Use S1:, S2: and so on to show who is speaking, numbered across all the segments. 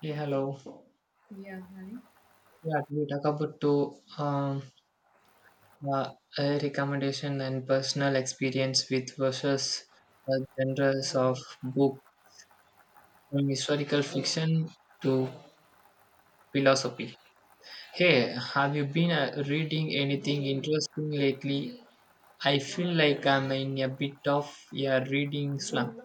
S1: Yeah, hello.
S2: Yeah, hi.
S1: Yeah, we talk about to uh, a recommendation and personal experience with versus genres of book from historical fiction to philosophy. Hey, have you been reading anything interesting lately? I feel like I'm in a bit of a reading slump.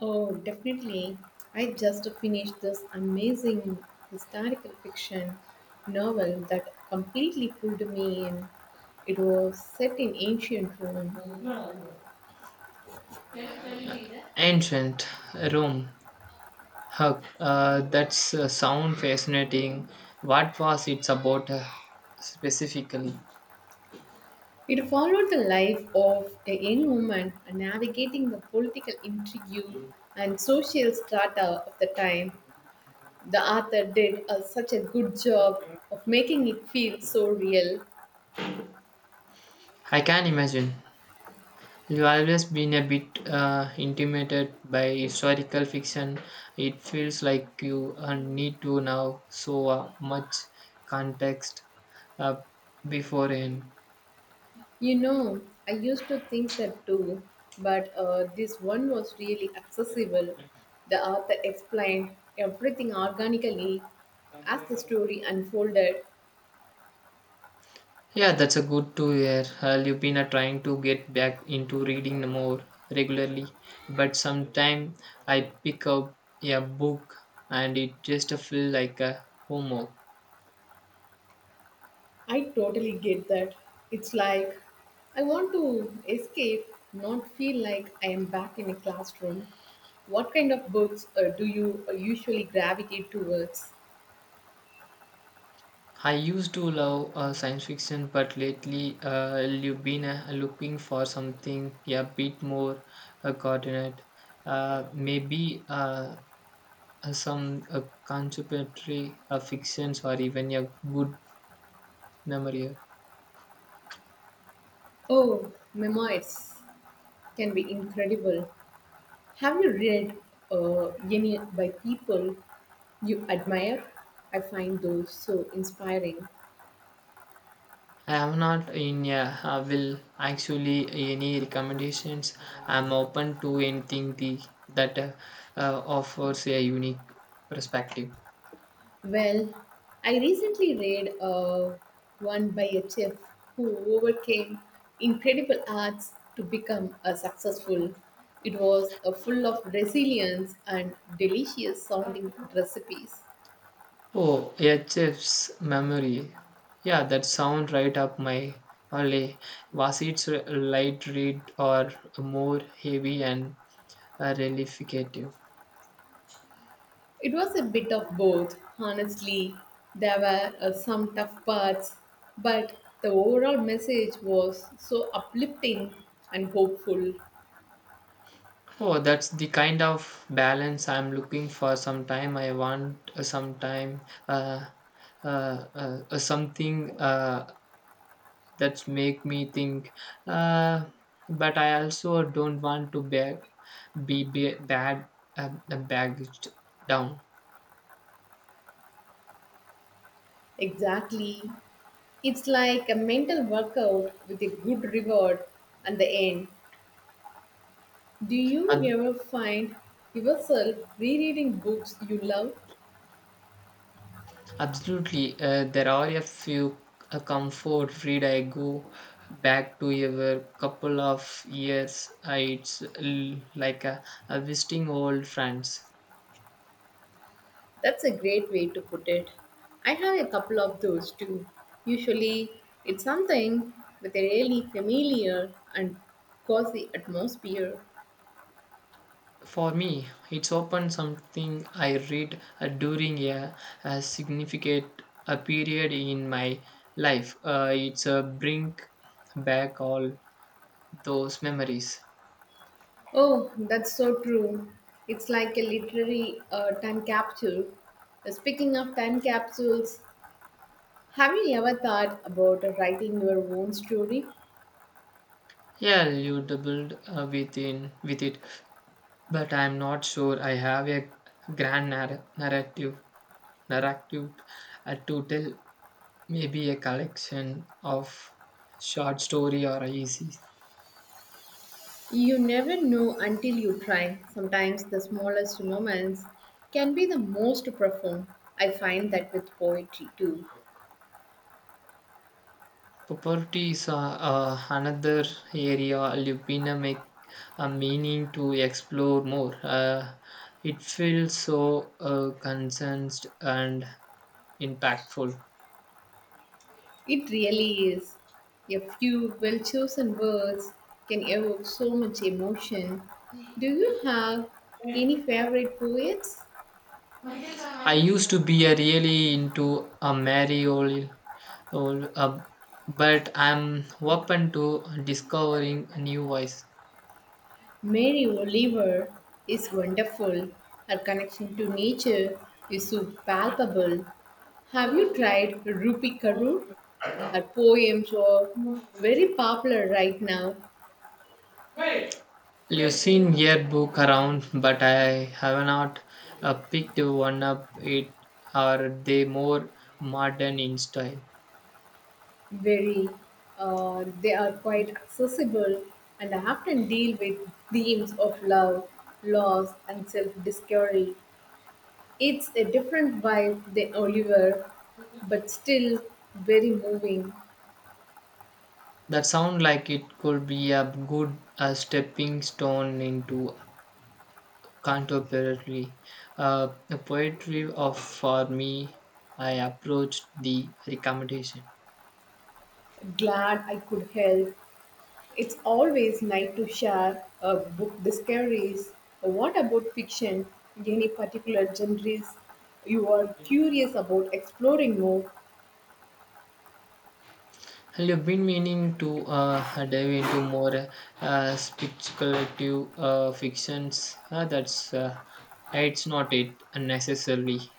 S2: Oh, definitely. I just finished this amazing historical fiction novel that completely pulled me in. It was set in ancient Rome.
S1: Ancient Rome. That's sound fascinating. What was it about, specifically?
S2: It followed the life of a young woman navigating the political intrigue and social strata of the time. The author such a good job of making it feel so real.
S1: I can imagine. You've always been a bit intimidated by historical fiction. It feels like you need to know so much context uh, beforehand.
S2: You know, I used to think that too, but this one was really accessible. The author explained everything organically as the story unfolded.
S1: Yeah, that's a good to hear. You've been trying to get back into reading more regularly, but sometimes I pick up a book and it just feels like a homework.
S2: I totally get that. It's like I want to escape, not feel like I am back in a classroom. What kind of books do you usually gravitate towards?
S1: I used to love science fiction, but lately you've been looking for something a bit more coordinate. Maybe some contemporary fictions or even a good memory.
S2: Oh, memoirs can be incredible. Have you read any by people you admire? I find those so inspiring.
S1: I am not in a I will actually any recommendations. I'm open to anything that offers a unique perspective.
S2: Well, I recently read one by a chef who overcame incredible odds to become a successful. It was full of resilience and delicious sounding recipes.
S1: Oh, HF's memory. Yeah, that sound right up my alley. Was it a light read or more heavy and, relificative?
S2: It was a bit of both, honestly. There were some tough parts, but the overall message was so uplifting and hopeful.
S1: Oh, that's the kind of balance I'm looking for. Sometime I want sometime uh, something that make me think. Uh, but I also don't want to be bad bagged down.
S2: Exactly. It's like a mental workout with a good reward at the end. Do you
S1: Uh,
S2: ever find yourself rereading books you love?
S1: Absolutely, there are a few comfort read I go back to a couple of years. It's like a visiting old friends.
S2: That's a great way to put it. I have a couple of those too. Usually, it's something with a really familiar and cozy atmosphere.
S1: For me, it's often something I read during a significant a period in my life. It's a bring back all those memories.
S2: Oh, that's so true. It's like a literary time capsule. Speaking of time capsules, have you ever thought about writing your own story?
S1: Yeah, you doubled within with it, but I'm not sure I have a grand narrative to tell. Maybe a collection of short story or easy.
S2: You never know until you try. Sometimes the smallest moments can be the most profound. I find that with poetry too.
S1: Property is another area Lupina make a meaning to explore more. It feels so concerned and impactful.
S2: It really is. A few well chosen words can evoke so much emotion. Do you have any favorite poets?
S1: I used to be a really into a Mariol or, but I'm open to discovering new voice.
S2: Mary Oliver is wonderful. Her connection to nature is so palpable. Have you tried Rupi Kaur? Her poems are very popular right now.
S1: You've seen your book around, but I have not picked one up. It are they more modern in style?
S2: Very, they are quite accessible and often deal with themes of love, loss, and self discovery. It's a different vibe than Oliver, but still very moving.
S1: That sound like it could be a good stepping stone into contemporary uh, poetry. Of for me, I approached the recommendation.
S2: Glad I could help. It's always nice to share book discoveries. What about fiction? Any particular genres you are curious about exploring more?
S1: Well, you've been meaning to dive into more speculative fictions. That's It's not it necessarily.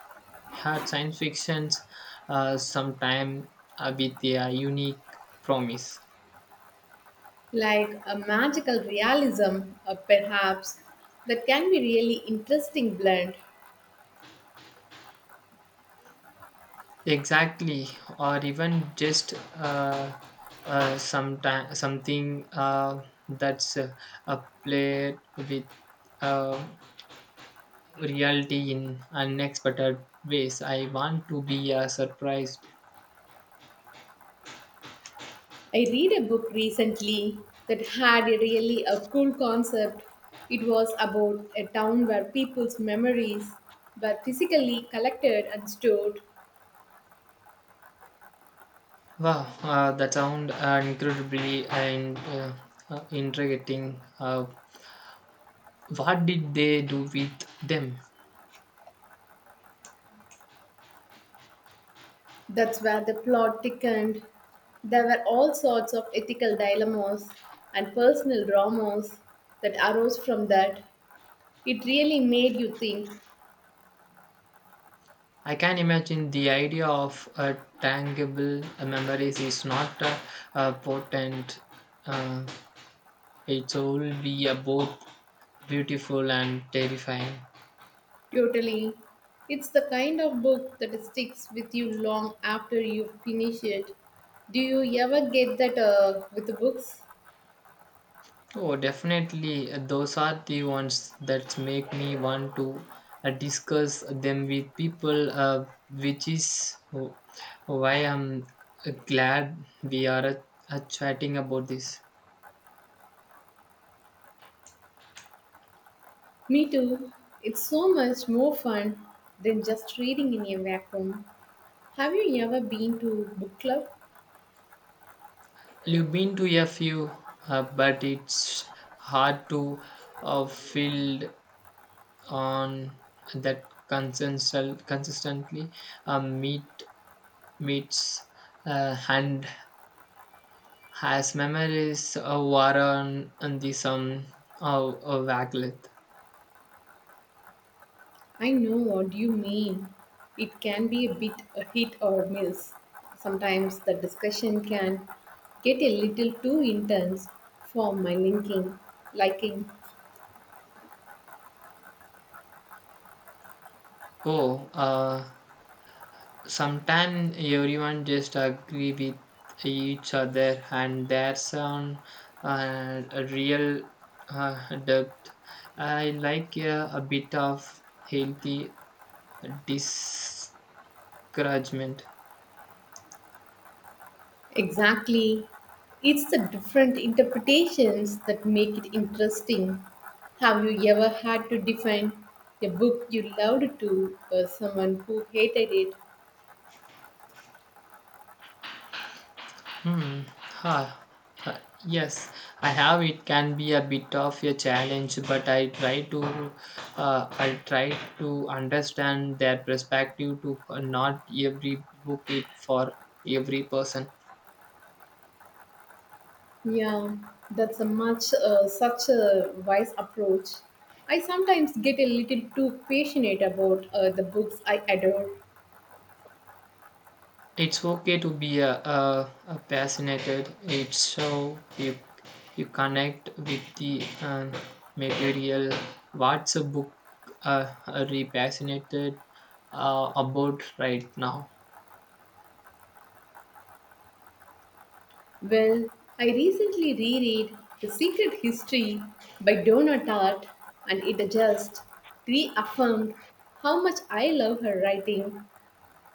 S1: Hard science fictions, sometime with their unique promise.
S2: Like a magical realism, perhaps, that can be really interesting blend.
S1: Exactly, or even just sometime something that's a play with Uh, reality in unexpected ways. I want to be surprised.
S2: I read a book recently that had a really a cool concept. It was about a town where people's memories were physically collected and stored.
S1: Wow, that sound incredibly and intriguing. What did they do with them?
S2: That's where the plot thickened. There were all sorts of ethical dilemmas and personal dramas that arose from that. It really made you think.
S1: I can imagine the idea of tangible memories is not potent. Uh, it will be both beautiful and terrifying.
S2: Totally. It's the kind of book that sticks with you long after you finish it. Do you ever get that with the books?
S1: Oh, definitely. Those are the ones that make me want to discuss them with people, why I'm glad we are chatting about this.
S2: Me too. It's so much more fun than just reading in a vacuum. Have you ever been to book club?
S1: You've been to a few, but it's hard to field on that consistently uh, meet meets hand Has memories war on the some of, Waglet?
S2: I know what you mean. It can be a bit a hit or miss. Sometimes the discussion can get a little too intense for my linking liking.
S1: Oh, sometime everyone just agree with each other, and there's on, a real depth. I like a bit of healthy discouragement.
S2: Exactly. It's the different interpretations that make it interesting. Have you ever had to define a book you loved to someone who hated it?
S1: Hmm. Ha, ha. Yes, I have. It can be a bit of a challenge, but I try to understand their perspective. To, not every book it for every person.
S2: Yeah, that's a much such a wise approach. I sometimes get a little too passionate about the books I adore.
S1: It's okay to be a fascinated. It's so you connect with the material. What's a book are you passionate about right now?
S2: Well, I recently reread The Secret History by Donna Tartt, and it just reaffirmed how much I love her writing.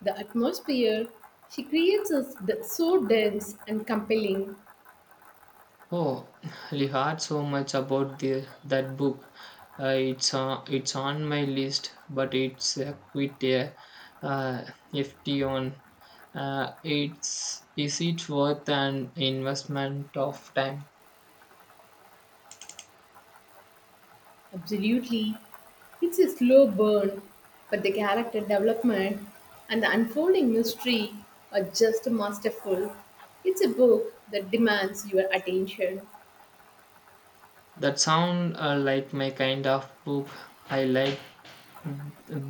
S2: The atmosphere she creates is so dense and compelling.
S1: Oh, I heard so much about the that book. It's on my list, but it's quite a, uh, FT on. It's Is it worth an investment of time?
S2: Absolutely. It's a slow burn, but the character development and the unfolding mystery are just masterful. It's a book that demands your attention.
S1: That sound like my kind of book. I like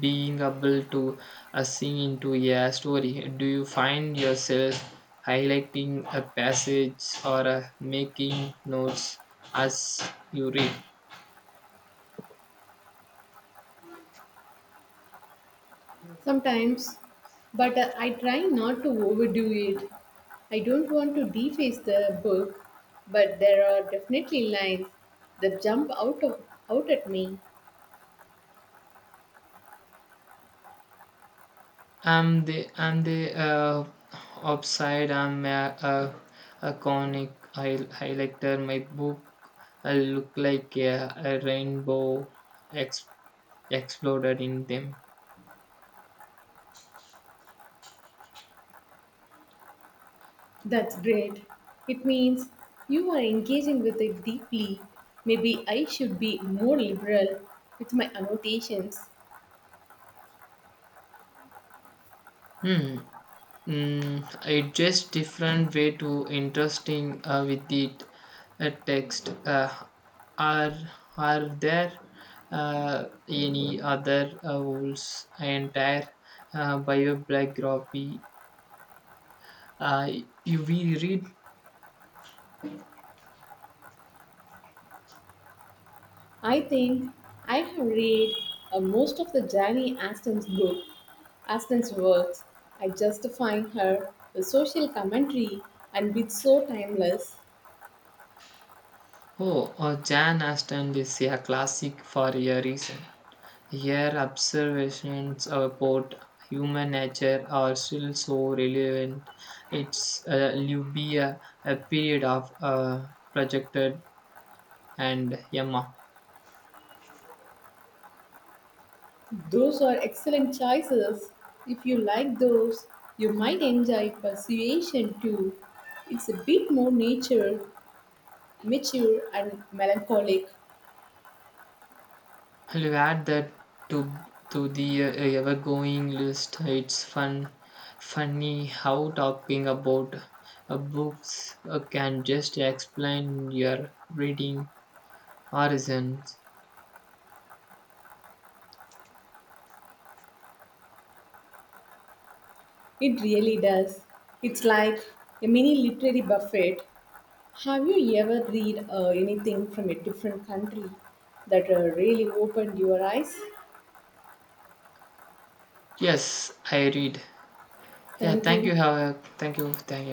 S1: being able to sing into a story. Do you find yourself highlighting a passage or making notes as you read?
S2: Sometimes, but I try not to overdo it. I don't want to deface the book, but there are definitely lines that jump out at me.
S1: I'm the upside, I'm a, a conic highlighter. My book look like a rainbow ex- exploded in them.
S2: That's great. It means you are engaging with it deeply. Maybe I should be more liberal with my annotations.
S1: Hmm. Mm, it just different way to interesting with it text. Are are there any other rules entire biography uh, you we read?
S2: I think I have read most of the Jane Austen's book, Austen's works. I just find her the social commentary and bit so timeless.
S1: Oh, Jan Aston is a classic for a reason. Her observations about human nature are still so relevant. It's will be a period of, projected and Yama.
S2: Those are excellent choices. If you like those, you might enjoy Persuasion too. It's a bit more mature and melancholic.
S1: I'll add that to to the ever-going list. It's funny how talking about books can just explain your reading horizons.
S2: It really does. It's like a mini literary buffet. Have you ever read anything from a different country that really opened your eyes?
S1: Yes, I read. Yeah,
S2: Thank
S1: thank
S2: you.
S1: you. Thank you. Thank you.